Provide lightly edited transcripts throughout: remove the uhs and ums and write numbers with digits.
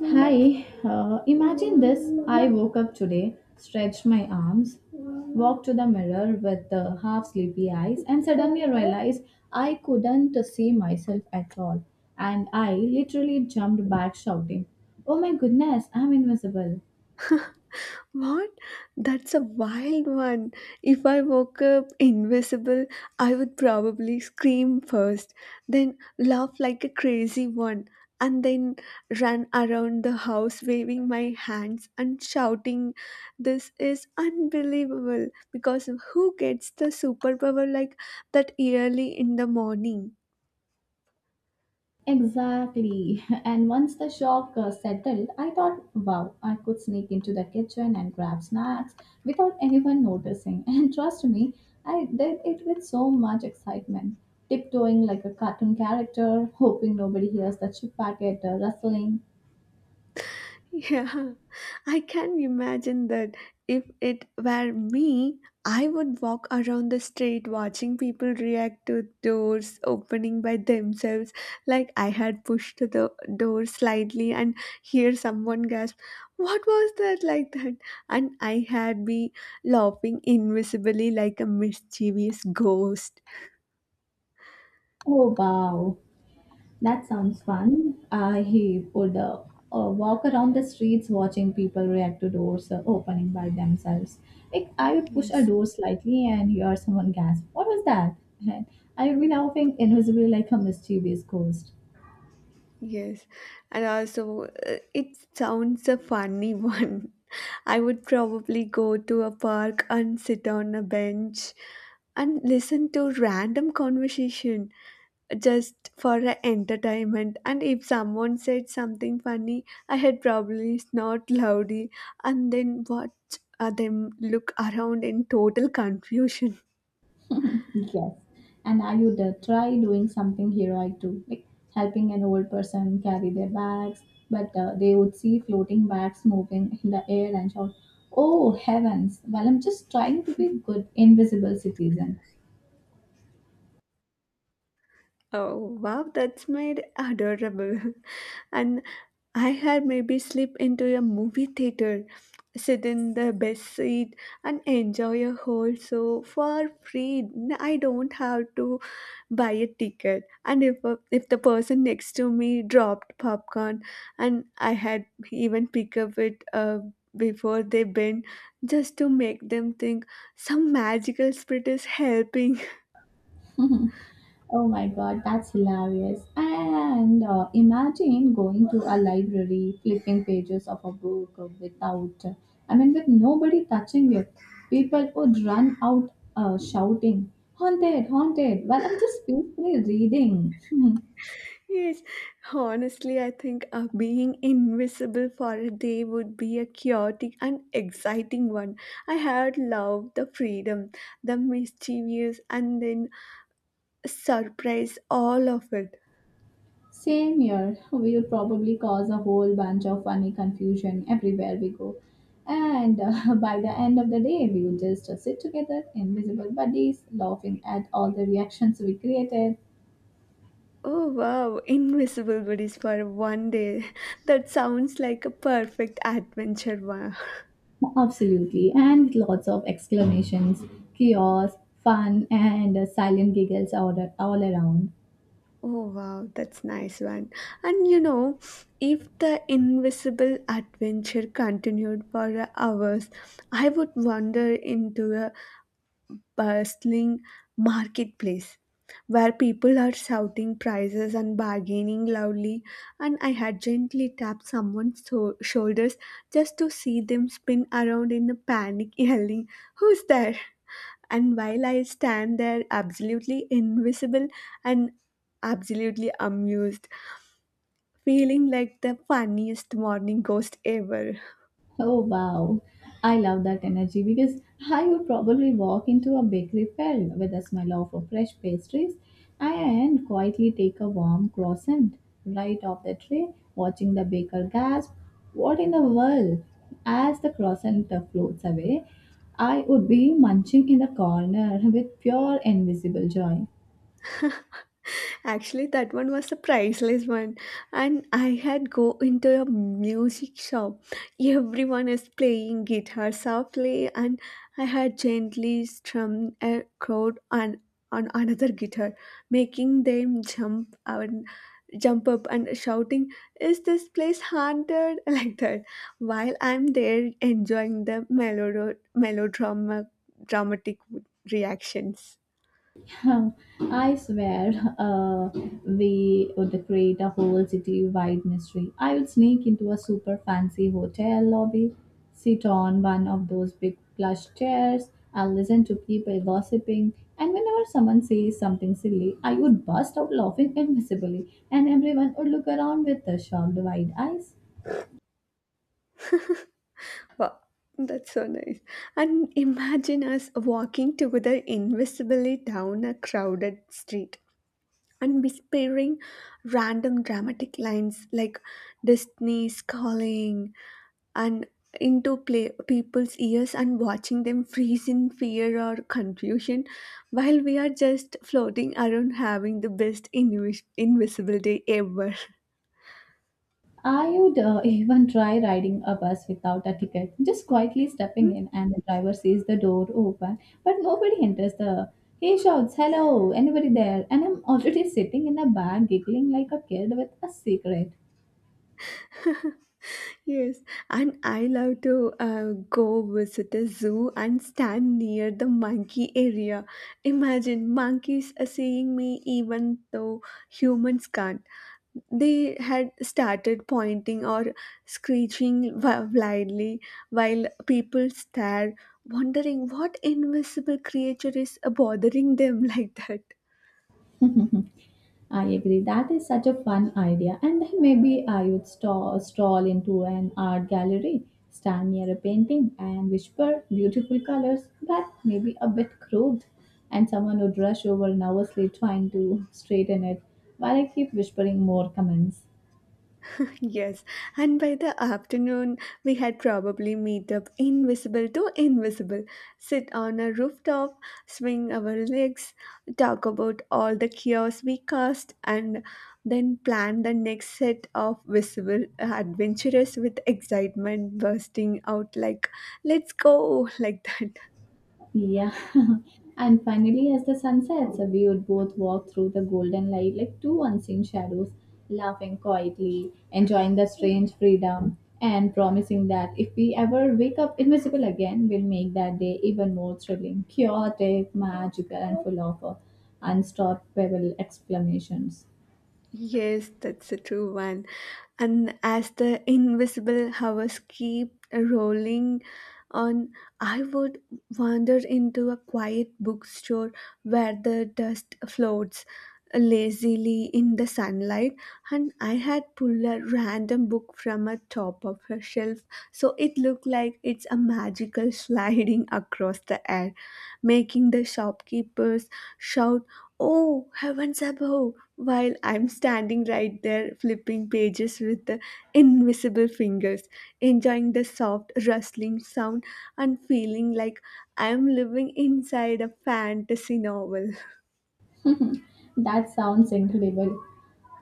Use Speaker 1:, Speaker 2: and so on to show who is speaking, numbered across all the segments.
Speaker 1: Hi, imagine this. I woke up today, stretched my arms, walked to the mirror with half sleepy eyes, and suddenly realized I couldn't see myself at all. And I literally jumped back, shouting, oh my goodness, I'm invisible.
Speaker 2: What? That's a wild one. If I woke up invisible, I would probably scream first, then laugh like a crazy one, and then run around the house waving my hands and shouting, this is unbelievable! Because who gets the superpower like that early in the morning?
Speaker 1: Exactly. And once the shock settled, I thought, wow, I could sneak into the kitchen and grab snacks without anyone noticing. And trust me, I did it with so much excitement, tiptoeing like a cartoon character, hoping nobody hears the chip packet rustling.
Speaker 2: Yeah, I can imagine that if it were me, I would walk around the street watching people react to doors opening by themselves. Like I had pushed the door slightly and hear someone gasp, what was that like that? And I had be laughing invisibly like a mischievous ghost.
Speaker 1: Oh, wow. That sounds fun. I he would walk around the streets watching people react to doors opening by themselves. Like I would push a
Speaker 2: Yes.
Speaker 1: door slightly and hear someone gasp, "What was that?" And I would be laughing invisibly like a mischievous ghost.
Speaker 2: Yes, and also it sounds a funny one. I would probably go to a park and sit on a bench and listen to random conversation just for a entertainment. And if someone said something funny, I had probably snort loudly and then watch them look around in total confusion.
Speaker 1: Yes, and I would try doing something heroic too, like helping an old person carry their bags. But they would see floating bags moving in the air and shout, "Oh heavens!" Well, I'm just trying to be good invisible citizen.
Speaker 2: Oh, wow, that's made adorable. And I had maybe slip into a movie theater, sit in the best seat, and enjoy a whole show for free. I don't have to buy a ticket. And if the person next to me dropped popcorn, and I had even pick up it before they bend, just to make them think some magical spirit is helping.
Speaker 1: Mhm. Oh my god, that's hilarious. And imagine going to a library, flipping pages of a book without, I mean, with nobody touching it. People would run out shouting, haunted, haunted, while I'm just peacefully reading.
Speaker 2: Yes, honestly, I think being invisible for a day would be a chaotic and exciting one. I had loved the freedom, the mischievous, and then surprise all of it.
Speaker 1: Same here. We'll probably cause a whole bunch of funny confusion everywhere we go. And by the end of the day, we will just sit together, invisible buddies, laughing at all the reactions we created.
Speaker 2: Oh wow, invisible buddies for one day. That sounds like a perfect adventure. Wow.
Speaker 1: Absolutely. And lots of exclamations, chaos, fun, and silent giggles all around.
Speaker 2: Oh wow, that's nice one. And you know, if the invisible adventure continued for hours, I would wander into a bustling marketplace where people are shouting prices and bargaining loudly, and I had gently tapped someone's shoulders just to see them spin around in a panic yelling, who's there? And while I stand there absolutely invisible and absolutely amused, feeling like the funniest morning ghost ever.
Speaker 1: Oh wow, I love that energy because I would probably walk into a bakery filled with a smell of fresh pastries and quietly take a warm croissant right off the tray, watching the baker gasp, what in the world? As the croissant floats away, I would be munching in the corner with pure invisible joy.
Speaker 2: Actually, that one was a priceless one, and I had go into a music shop. Everyone is playing guitar softly, and I had gently strummed a chord on another guitar, making them jump and jump up and shouting, "Is this place haunted?" like that. While I'm there enjoying the melodrama dramatic reactions.
Speaker 1: I swear, uh, we would create a whole city-wide mystery. I would sneak into a super fancy hotel lobby, sit on one of those big plush chairs, and listen to people gossiping. And whenever someone says something silly, I would burst out laughing invisibly, and everyone would look around with the shocked wide eyes.
Speaker 2: Wow, that's so nice. And imagine us walking together invisibly down a crowded street and whispering random dramatic lines like Disney's calling and into play people's ears and watching them freeze in fear or confusion while we are just floating around having the best invisible day ever.
Speaker 1: I would even try riding a bus without a ticket, just quietly stepping in, and the driver sees the door open, but nobody enters the. He shouts, "Hello, anybody there?" And I'm already sitting in a bar, giggling like a kid with a cigarette.
Speaker 2: Yes, and I love to go visit a zoo and stand near the monkey area. Imagine monkeys are seeing me even though humans can't. They had started pointing or screeching wildly while people stare, wondering what invisible creature is bothering them like that.
Speaker 1: I agree. That is such a fun idea. And then maybe I would stroll into an art gallery, stand near a painting, and whisper beautiful colors, but maybe a bit crude. And someone would rush over nervously trying to straighten it, while I keep whispering more comments.
Speaker 2: Yes, and by the afternoon, we had probably meet up invisible to invisible, sit on a rooftop, swing our legs, talk about all the chaos we caused, and then plan the next set of visible adventures with excitement bursting out like, let's go, like that.
Speaker 1: Yeah. And finally, as the sun sets, we would both walk through the golden light like two unseen shadows, laughing quietly, enjoying the strange freedom, and promising that if we ever wake up invisible again, we'll make that day even more thrilling, chaotic, magical, and full of unstoppable exclamations.
Speaker 2: Yes, that's a true one. And as the invisible hours keep rolling on, I would wander into a quiet bookstore where the dust floats lazily in the sunlight. And I had pulled a random book from a top of a shelf, so it looked like it's a magical sliding across the air, making the shopkeepers shout, oh, heavens above! While I'm standing right there flipping pages with the invisible fingers, enjoying the soft rustling sound and feeling like I'm living inside a fantasy novel.
Speaker 1: That sounds incredible.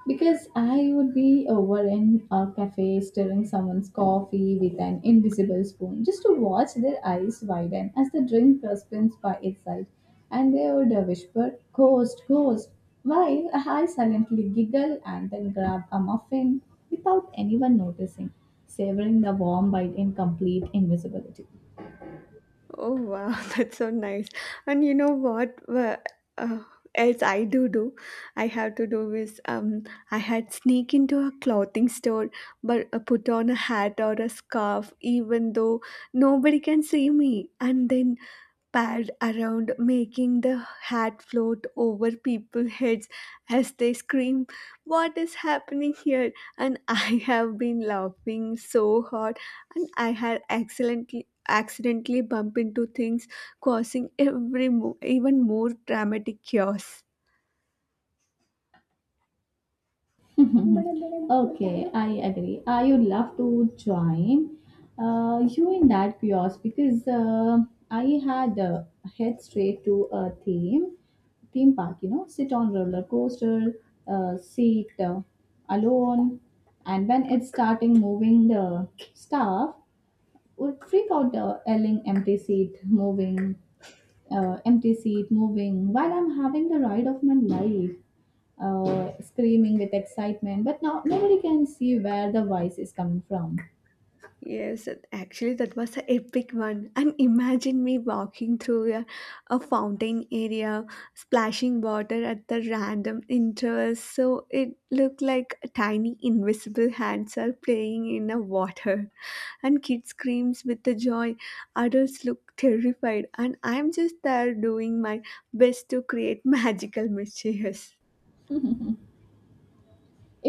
Speaker 1: Because I would be over in a cafe stirring someone's coffee with an invisible spoon just to watch their eyes widen as the drink spins by itself and they would whisper, ghost, ghost, while I silently giggle and then grab a muffin without anyone noticing, savoring the warm bite in complete invisibility.
Speaker 2: Oh wow, that's so nice. And you know what? Uh, else I do do, I have to do is I had sneak into a clothing store, but put on a hat or a scarf, even though nobody can see me, and then pad around, making the hat float over people's heads as they scream, what is happening here? And I have been laughing so hard, and I had accidentally bumped into things causing even more dramatic chaos.
Speaker 1: Okay, I agree. I would love to join you in that kiosk because I had head straight to a theme park. You know, sit on roller coaster, sit alone, and when it's starting moving the stuff, would freak out yelling empty seat moving while I'm having the ride of my life screaming with excitement, but now nobody can see where the voice is coming from.
Speaker 2: Yes, that- actually, that was an epic one. And imagine me walking through a fountain area, splashing water at the random intervals. So it looked like tiny invisible hands are playing in the water. And kids screams with the joy. Adults look terrified. And I'm just there doing my best to create magical mischiefs.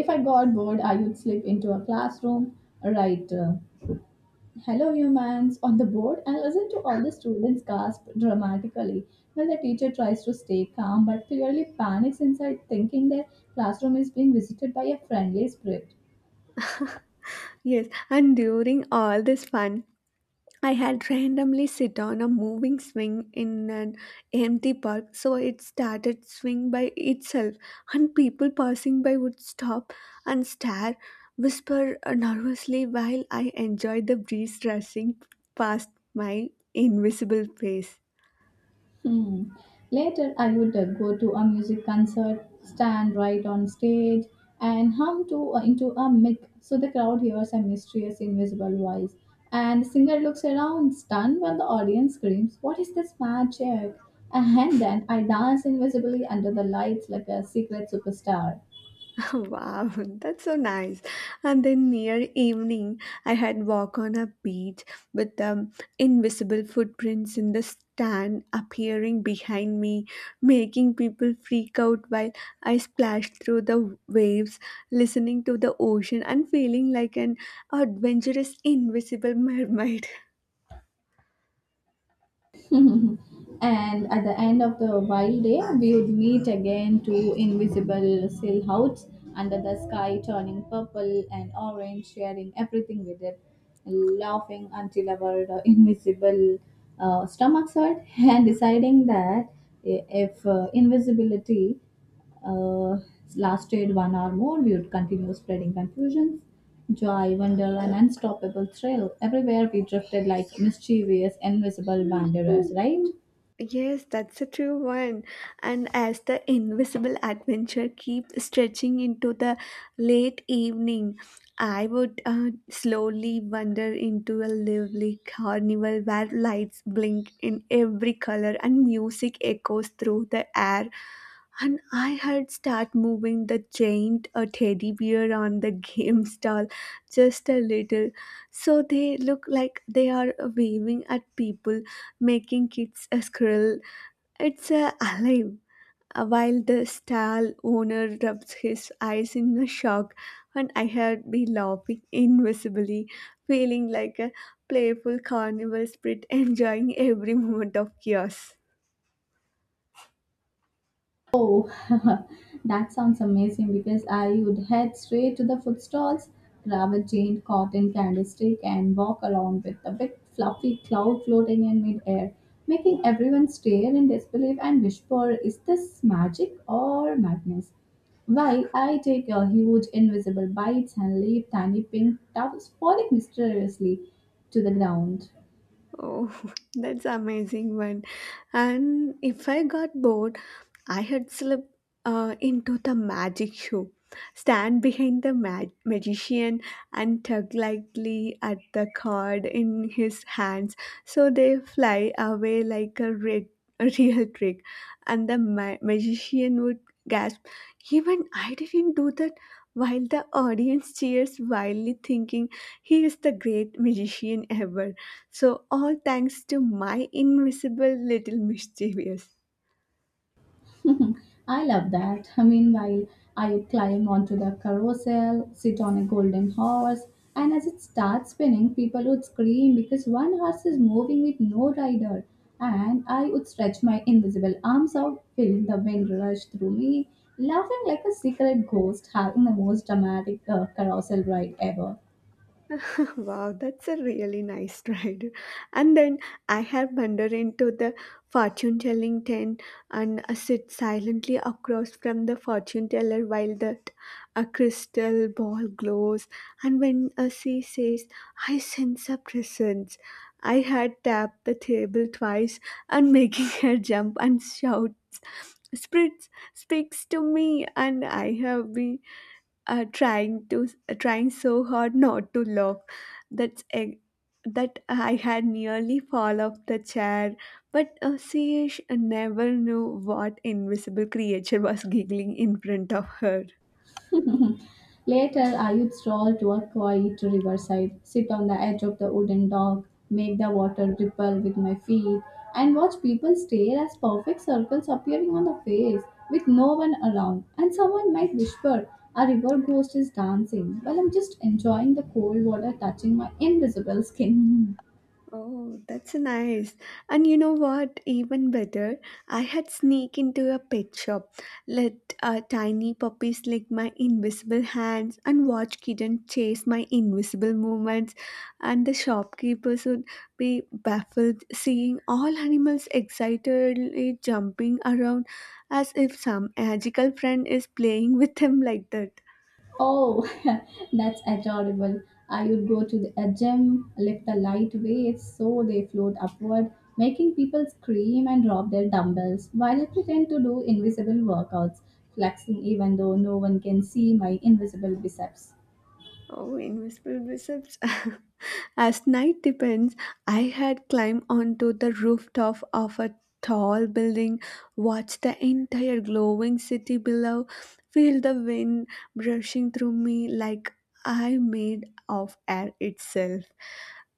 Speaker 1: If I got bored, I would slip into a classroom, write hello humans on the board, and listen to all the students gasp dramatically while the teacher tries to stay calm but clearly panics inside thinking their classroom is being visited by a friendly spirit.
Speaker 2: Yes, and during all this fun, I had randomly sit on a moving swing in an empty park, so it started swing by itself, and people passing by would stop and stare, whisper nervously while I enjoyed the breeze rushing past my invisible face.
Speaker 1: Hmm. Later, I would go to a music concert, stand right on stage, and hum to into a mic so the crowd hears a mysterious invisible voice. And the singer looks around, stunned, while the audience screams, "What is this magic?" And then I dance invisibly under the lights like a secret superstar.
Speaker 2: Wow, that's so nice. And then near evening, I had walk on a beach with invisible footprints in the sand appearing behind me, making people freak out while I splashed through the waves, listening to the ocean and feeling like an adventurous invisible mermaid.
Speaker 1: And at the end of the wild day, we would meet again, two invisible silhouettes under the sky, turning purple and orange, sharing everything with it, laughing until our invisible stomachs hurt, and deciding that if invisibility uh, lasted 1 hour more, we would continue spreading confusions. Joy, wonder, an unstoppable thrill. Everywhere we drifted like mischievous, invisible wanderers, right?
Speaker 2: Yes, that's a true one. And as the invisible adventure keeps stretching into the late evening, I would slowly wander into a lively carnival where lights blink in every color and music echoes through the air. And I had start moving the giant teddy bear on the game stall just a little, so they look like they are waving at people making kids a squirrel. It's alive. While the stall owner rubs his eyes in a shock, and I had be laughing invisibly, feeling like a playful carnival spirit, enjoying every moment of chaos.
Speaker 1: Oh, that sounds amazing because I would head straight to the food stalls, grab a giant cotton candlestick, and walk around with a big fluffy cloud floating in midair, making everyone stare in disbelief and whisper, is this magic or madness? While I take a huge invisible bites and leave tiny pink tufts falling mysteriously to the ground.
Speaker 2: Oh, that's amazing one. And if I got bored, I had slipped into the magic show, stand behind the magician and tug lightly at the card in his hands so they fly away like a real trick. And the magician would gasp, even I didn't do that, while the audience cheers wildly, thinking he is the great magician ever, so all thanks to my invisible little mischievous.
Speaker 1: I love that. Meanwhile, I would climb onto the carousel, sit on a golden horse, and as it starts spinning, people would scream because one horse is moving with no rider. And I would stretch my invisible arms out, feeling the wind rush through me, laughing like a secret ghost, having the most dramatic carousel ride ever.
Speaker 2: Wow, that's a really nice ride. And then I have wandered into the fortune telling tent and sit silently across from the fortune teller while that a crystal ball glows. And when she says, I sense a presence, I had tapped the table twice and making her jump and shout. Spritz speaks to me, and I have been trying to trying so hard not to laugh that's that I had nearly fall off the chair, but never knew what invisible creature was giggling in front of her.
Speaker 1: Later, Ayub strolled to a quiet riverside, sit on the edge of the wooden dock, make the water ripple with my feet, and watch people stare as perfect circles appearing on the face with no one around. And someone might whisper, a river ghost is dancing, while I'm just enjoying the cold water touching my invisible skin.
Speaker 2: Oh, that's nice. And you know what? Even better, I had sneak into a pet shop, let tiny puppies lick my invisible hands, and watch kitten chase my invisible movements. And the shopkeepers would be baffled seeing all animals excitedly jumping around as if some magical friend is playing with them like that.
Speaker 1: Oh, that's adorable. I would go to the a gym, lift the light weights so they float upward, making people scream and drop their dumbbells while I pretend to do invisible workouts, flexing even though no one can see my invisible biceps.
Speaker 2: Oh, invisible biceps. As night depends, I had climbed onto the rooftop of a tall building, watched the entire glowing city below, feel the wind brushing through me like I made of air itself.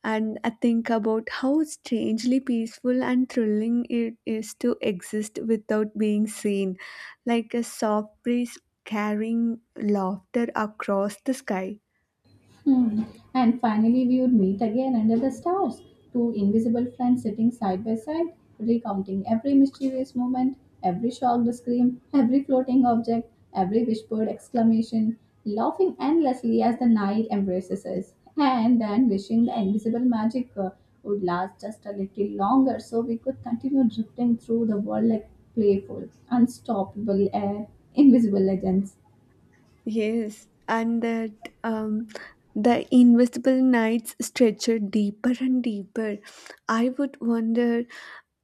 Speaker 2: And I think about how strangely peaceful and thrilling it is to exist without being seen, like a soft breeze carrying laughter across the sky.
Speaker 1: Hmm. And finally, we would meet again under the stars, two invisible friends sitting side by side, recounting every mysterious moment, every shocked scream, every floating object, every whispered exclamation, laughing endlessly as the night embraces us, and then wishing the invisible magic would last just a little longer so we could continue drifting through the world like playful, unstoppable, invisible legends.
Speaker 2: Yes, and that um, the invisible nights stretched deeper and deeper. I would wander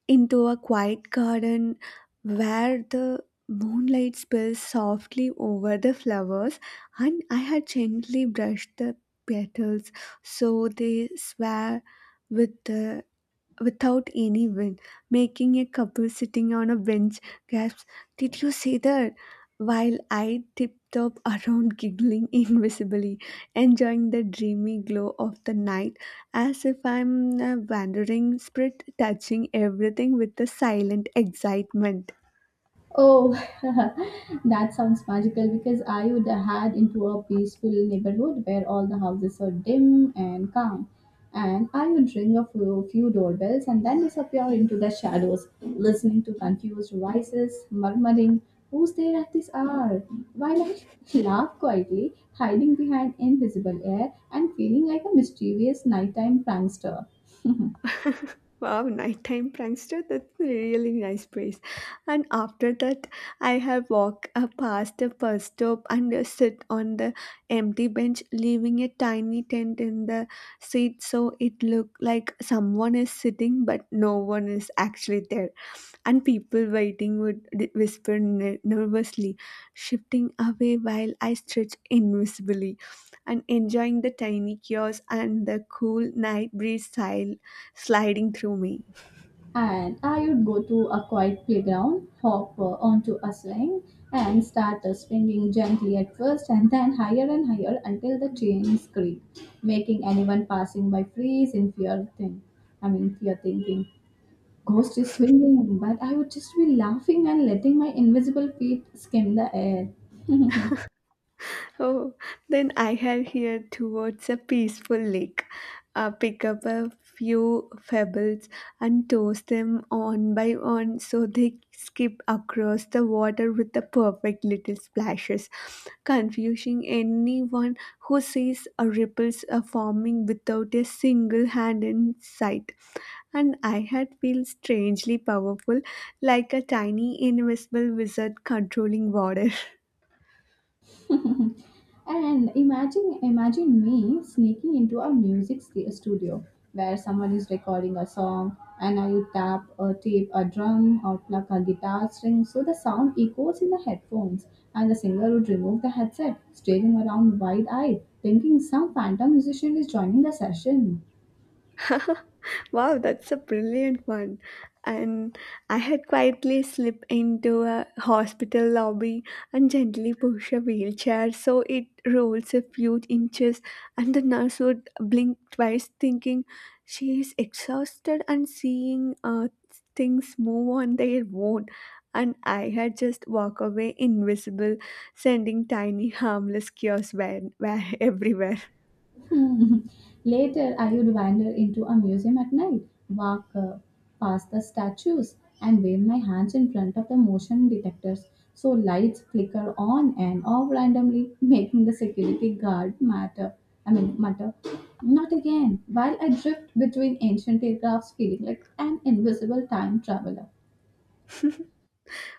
Speaker 2: into a quiet garden where the moonlight spills softly over the flowers, and I had gently brushed the petals so they sway with the without any win, making a couple sitting on a bench gasps! Did you see that? While I tipped up around giggling invisibly, enjoying the dreamy glow of the night as if I'm a wandering spirit touching everything with a silent excitement.
Speaker 1: Oh, that sounds magical because I would head into a peaceful neighborhood where all the houses are dim and calm. And I would ring few doorbells and then disappear into the shadows, listening to confused voices, murmuring, who's there at this hour? While I laugh quietly, hiding behind invisible air and feeling like a mischievous nighttime prankster.
Speaker 2: Wow, nighttime prankster, that's a really nice place. And after that, I have walked past a bus stop and sit on the empty bench, leaving a tiny tent in the seat so it looked like someone is sitting, but no one is actually there, and people waiting would whisper nervously, shifting away while I stretched invisibly and enjoying the tiny chaos and the cool night breeze sliding through me.
Speaker 1: And I would go to a quiet playground, hop onto a swing, and start swinging gently at first and then higher and higher until the chains creak, making anyone passing by freeze in fear thing. I mean, fear thinking. Ghost is swinging, but I would just be laughing and letting my invisible feet skim the air.
Speaker 2: Oh, then I have here towards a peaceful lake. Pick up a few pebbles and toss them on by on so they skip across the water with the perfect little splashes, confusing anyone who sees a ripples are forming without a single hand in sight, and I had felt strangely powerful, like a tiny invisible wizard controlling water.
Speaker 1: And imagine me sneaking into a music st- studio where someone is recording a song and I tap or tape a drum or pluck a guitar string so the sound echoes in the headphones, and the singer would remove the headset, staring around wide-eyed, thinking some phantom musician is joining the session.
Speaker 2: Wow, that's a brilliant one. And I had quietly slipped into a hospital lobby and gently push a wheelchair so it rolls a few inches, and the nurse would blink twice, thinking she is exhausted and seeing things move on their own. And I had just walk away invisible, sending tiny harmless chaos where everywhere.
Speaker 1: Hmm. Later, I would wander into a museum at night, walk past the statues, and wave my hands in front of the motion detectors so lights flicker on and off randomly, making the security guard matter. I mean, mutter, not again, while I drift between ancient aircrafts feeling like an invisible time traveler.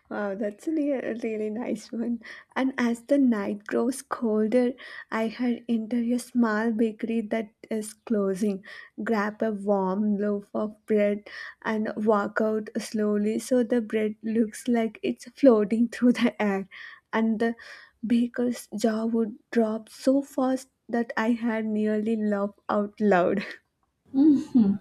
Speaker 2: Wow, that's really really nice one. And as the night grows colder, I had enter a small bakery that is closing, grab a warm loaf of bread, and walk out slowly so the bread looks like it's floating through the air. And the baker's jaw would drop so fast that I had nearly laughed out loud.
Speaker 1: Mhm.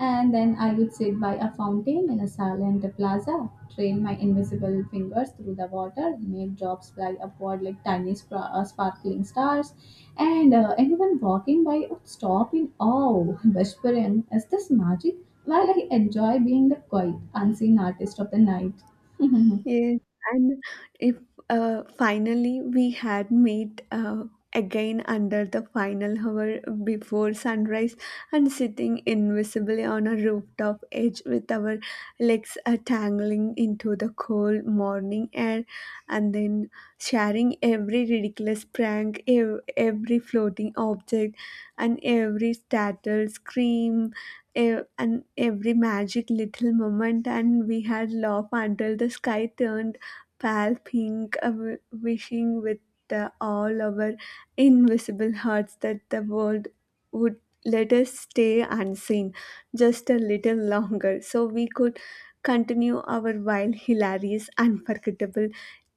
Speaker 1: And then I would sit by a fountain in a silent plaza, train my invisible fingers through the water, make drops fly upward like tiny sparkling stars, and anyone walking by would stop in awe, whispering, is this magic? While I enjoy being the quiet, unseen artist of the night.
Speaker 2: Yes, and if finally we had met again under the final hour before sunrise and sitting invisibly on a rooftop edge with our legs tangling into the cold morning air, and then sharing every ridiculous prank, every floating object, and every startled scream and every magic little moment and we had laughed until the sky turned pale pink wishing with all our invisible hearts that the world would let us stay unseen just a little longer so we could continue our wild hilarious unforgettable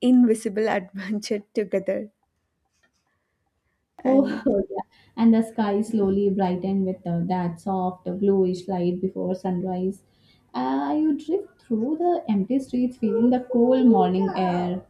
Speaker 2: invisible adventure together
Speaker 1: Oh,
Speaker 2: and.
Speaker 1: oh, yeah. And the sky slowly brightened with that soft bluish light before sunrise. You drift through the empty streets feeling the cool morning air.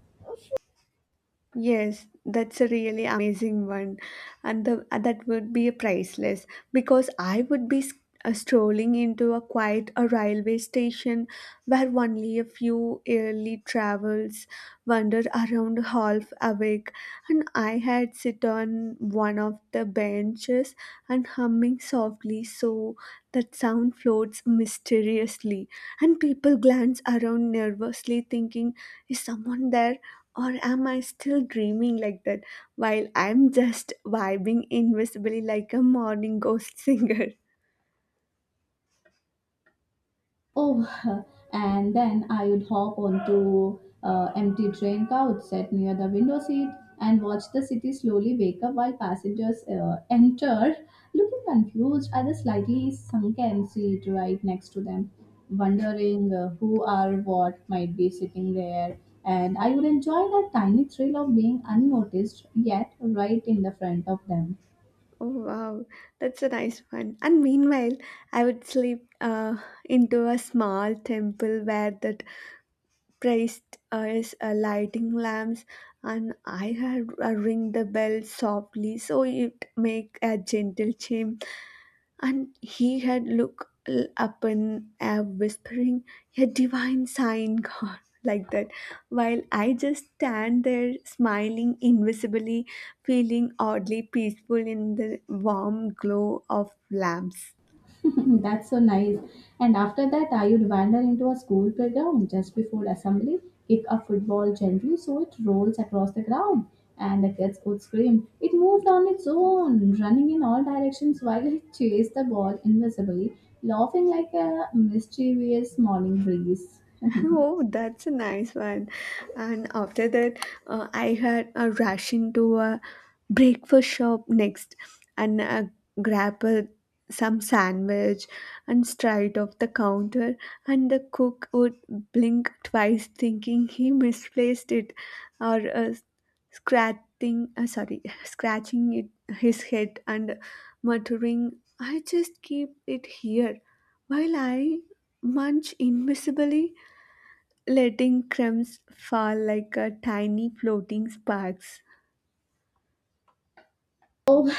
Speaker 2: Yes, that's a really amazing one, and the that would be priceless because I would be strolling into a quiet a railway station where only a few early travels, wander around half awake, and I had sit on one of the benches and humming softly so that sound floats mysteriously, and people glance around nervously thinking, is someone there? Or am I still dreaming like that while I'm just vibing invisibly like a morning ghost singer?
Speaker 1: Oh, and then I would hop onto empty train couch set near the window seat and watch the city slowly wake up while passengers enter, looking confused at the slightly sunken seat right next to them, wondering who or what might be sitting there. And I would enjoy that tiny thrill of being unnoticed, yet right in the front of them.
Speaker 2: Oh wow, that's a nice one. And meanwhile, I would sleep into a small temple where that priced as lighting lamps, and I had ring the bell softly so it make a gentle chime, and he had looked up and whispering a divine sign god like that, while I just stand there smiling invisibly, feeling oddly peaceful in the warm glow of lamps.
Speaker 1: That's so nice. And after that, I would wander into a school playground just before assembly, kick a football gently so it rolls across the ground, and the kids would scream. It moved on its own, running in all directions while it chased the ball invisibly, laughing like a mischievous morning breeze.
Speaker 2: Oh, that's a nice one. And after that, I had a rush into a breakfast shop next and grab a, some sandwich and straight off the counter. And the cook would blink twice, thinking he misplaced it or scratching, sorry, scratching it, his head and muttering, I just keep it here while I munch invisibly letting crumbs fall like a tiny floating sparks.
Speaker 1: Oh,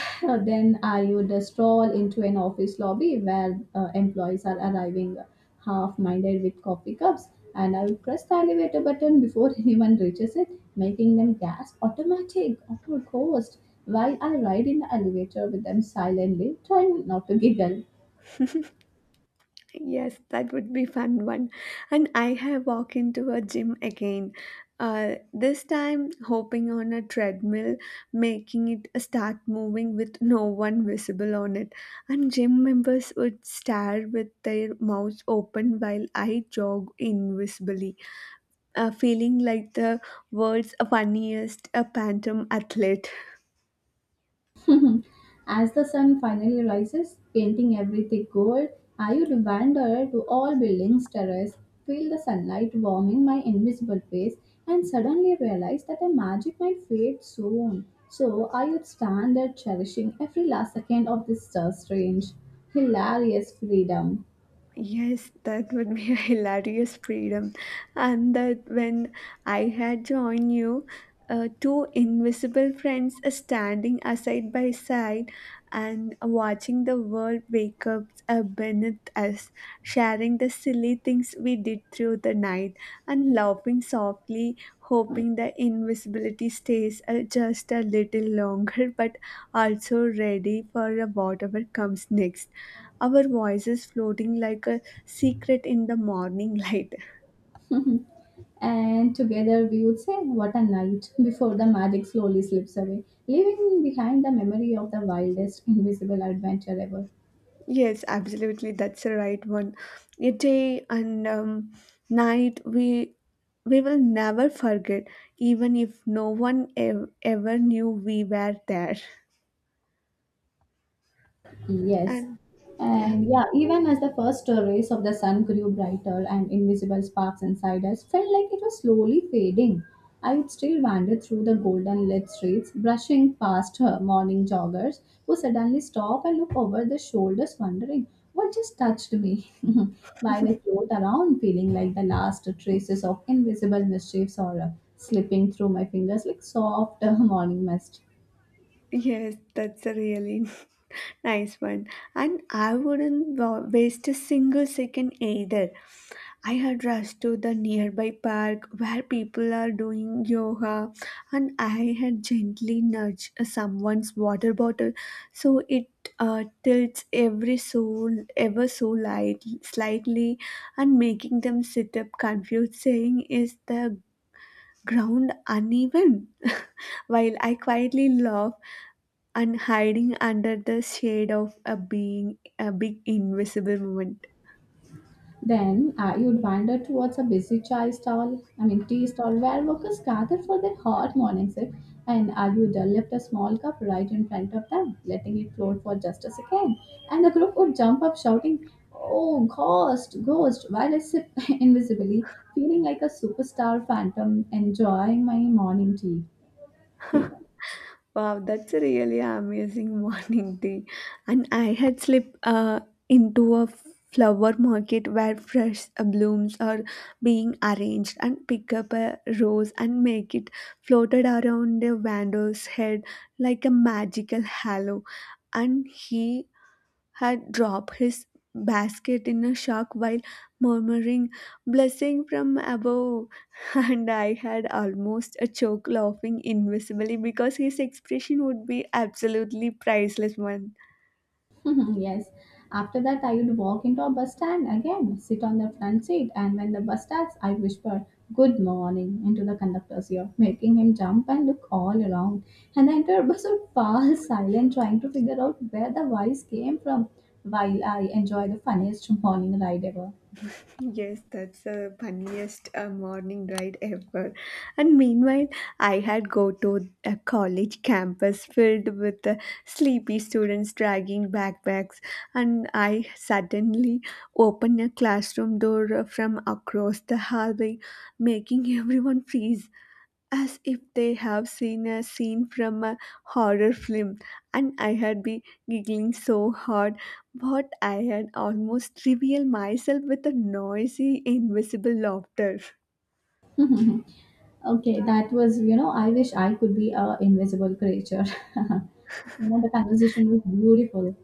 Speaker 1: then I would stroll into an office lobby where employees are arriving half minded with coffee cups, and I would press the elevator button before anyone reaches it, making them gasp automatic or ghost while I ride in the elevator with them silently, trying not to giggle.
Speaker 2: Yes, that would be fun one. And I have walked into a gym again. This time hopping on a treadmill, making it start moving with no one visible on it. And gym members would stare with their mouths open while I jog invisibly, feeling like the world's funniest phantom athlete.
Speaker 1: Mm-hmm. As the sun finally rises, painting everything gold, I would wander to all buildings, terrace, feel the sunlight warming my invisible face, and suddenly realize that the magic might fade soon. So I would stand there cherishing every last second of this strange, hilarious freedom.
Speaker 2: Yes, that would be a hilarious freedom. And that when I had joined you, two invisible friends are standing side by side and watching the world wake up beneath us, sharing the silly things we did through the night and laughing softly, hoping the invisibility stays just a little longer but also ready for whatever comes next, our voices floating like a secret in the morning light.
Speaker 1: And together we would say, what a night, before the magic slowly slips away, leaving behind the memory of the wildest invisible adventure ever.
Speaker 2: Yes, absolutely, that's the right one. A day and night we will never forget, even if no one ever knew we were there.
Speaker 1: Yes.
Speaker 2: And yeah,
Speaker 1: And yeah, even as the first rays of the sun grew brighter and invisible sparks inside us felt like it was slowly fading, I would still wander through the golden lit streets, brushing past her morning joggers who suddenly stop and look over their shoulders, wondering what just touched me, while I float around, feeling like the last traces of invisible mischiefs or slipping through my fingers like soft morning mist.
Speaker 2: yes, that's a really nice one. And I wouldn't waste a single second either. I had rushed to the nearby park where people are doing yoga, and I had gently nudged someone's water bottle so it tilts every so ever so light, slightly, and making them sit up confused, saying, "Is the ground uneven?" While I quietly laugh and hiding under the shade of a being a big invisible woman.
Speaker 1: Then you'd wander towards a busy chai stall, I mean tea stall, where workers gather for their hot morning sip, and you'd lift a small cup right in front of them, letting it float for just a second, and the group would jump up shouting, "Oh, ghost, ghost!" while I sip invisibly, feeling like a superstar phantom, enjoying my morning tea.
Speaker 2: Wow, that's a really amazing morning tea. And I had slipped into a flower market where fresh blooms are being arranged and pick up a rose and make it floated around the vendor's head like a magical halo. And he had dropped his basket in a shock while murmuring, blessing from above. And I had almost a choke laughing invisibly because his expression would be absolutely priceless one.
Speaker 1: Yes. After that, I would walk into a bus stand again, sit on the front seat, and when the bus starts, I whisper "Good morning" into the conductor's ear, making him jump and look all around. And the entire bus would fall silent, trying to figure out where the voice came from, while I enjoy the funniest morning ride ever.
Speaker 2: Yes, that's the funniest morning ride ever. And meanwhile, I had go to a college campus filled with sleepy students dragging backpacks, and I suddenly opened a classroom door from across the hallway, making everyone freeze as if they have seen a scene from a horror film, and I had been giggling so hard what I had almost revealed myself with a noisy, invisible laughter.
Speaker 1: Okay, that was you know. I wish I could be a invisible creature. You know, the conversation was beautiful.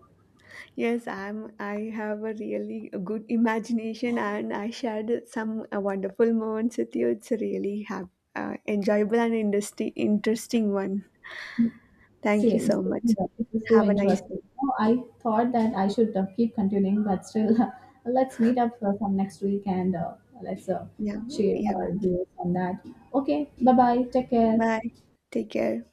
Speaker 2: Yes, I'm. I have a really good imagination, and I shared some wonderful moments with you. It's a really have, enjoyable and interesting one. Thank you so
Speaker 1: Same
Speaker 2: much.
Speaker 1: here. This is so
Speaker 2: Have a nice
Speaker 1: interesting.
Speaker 2: day.
Speaker 1: No, I thought that I should keep continuing, but still, let's meet up for some next week and let's
Speaker 2: Yeah,
Speaker 1: share
Speaker 2: yeah.
Speaker 1: our views on that. Okay, bye bye. Take care.
Speaker 2: Bye. Take care.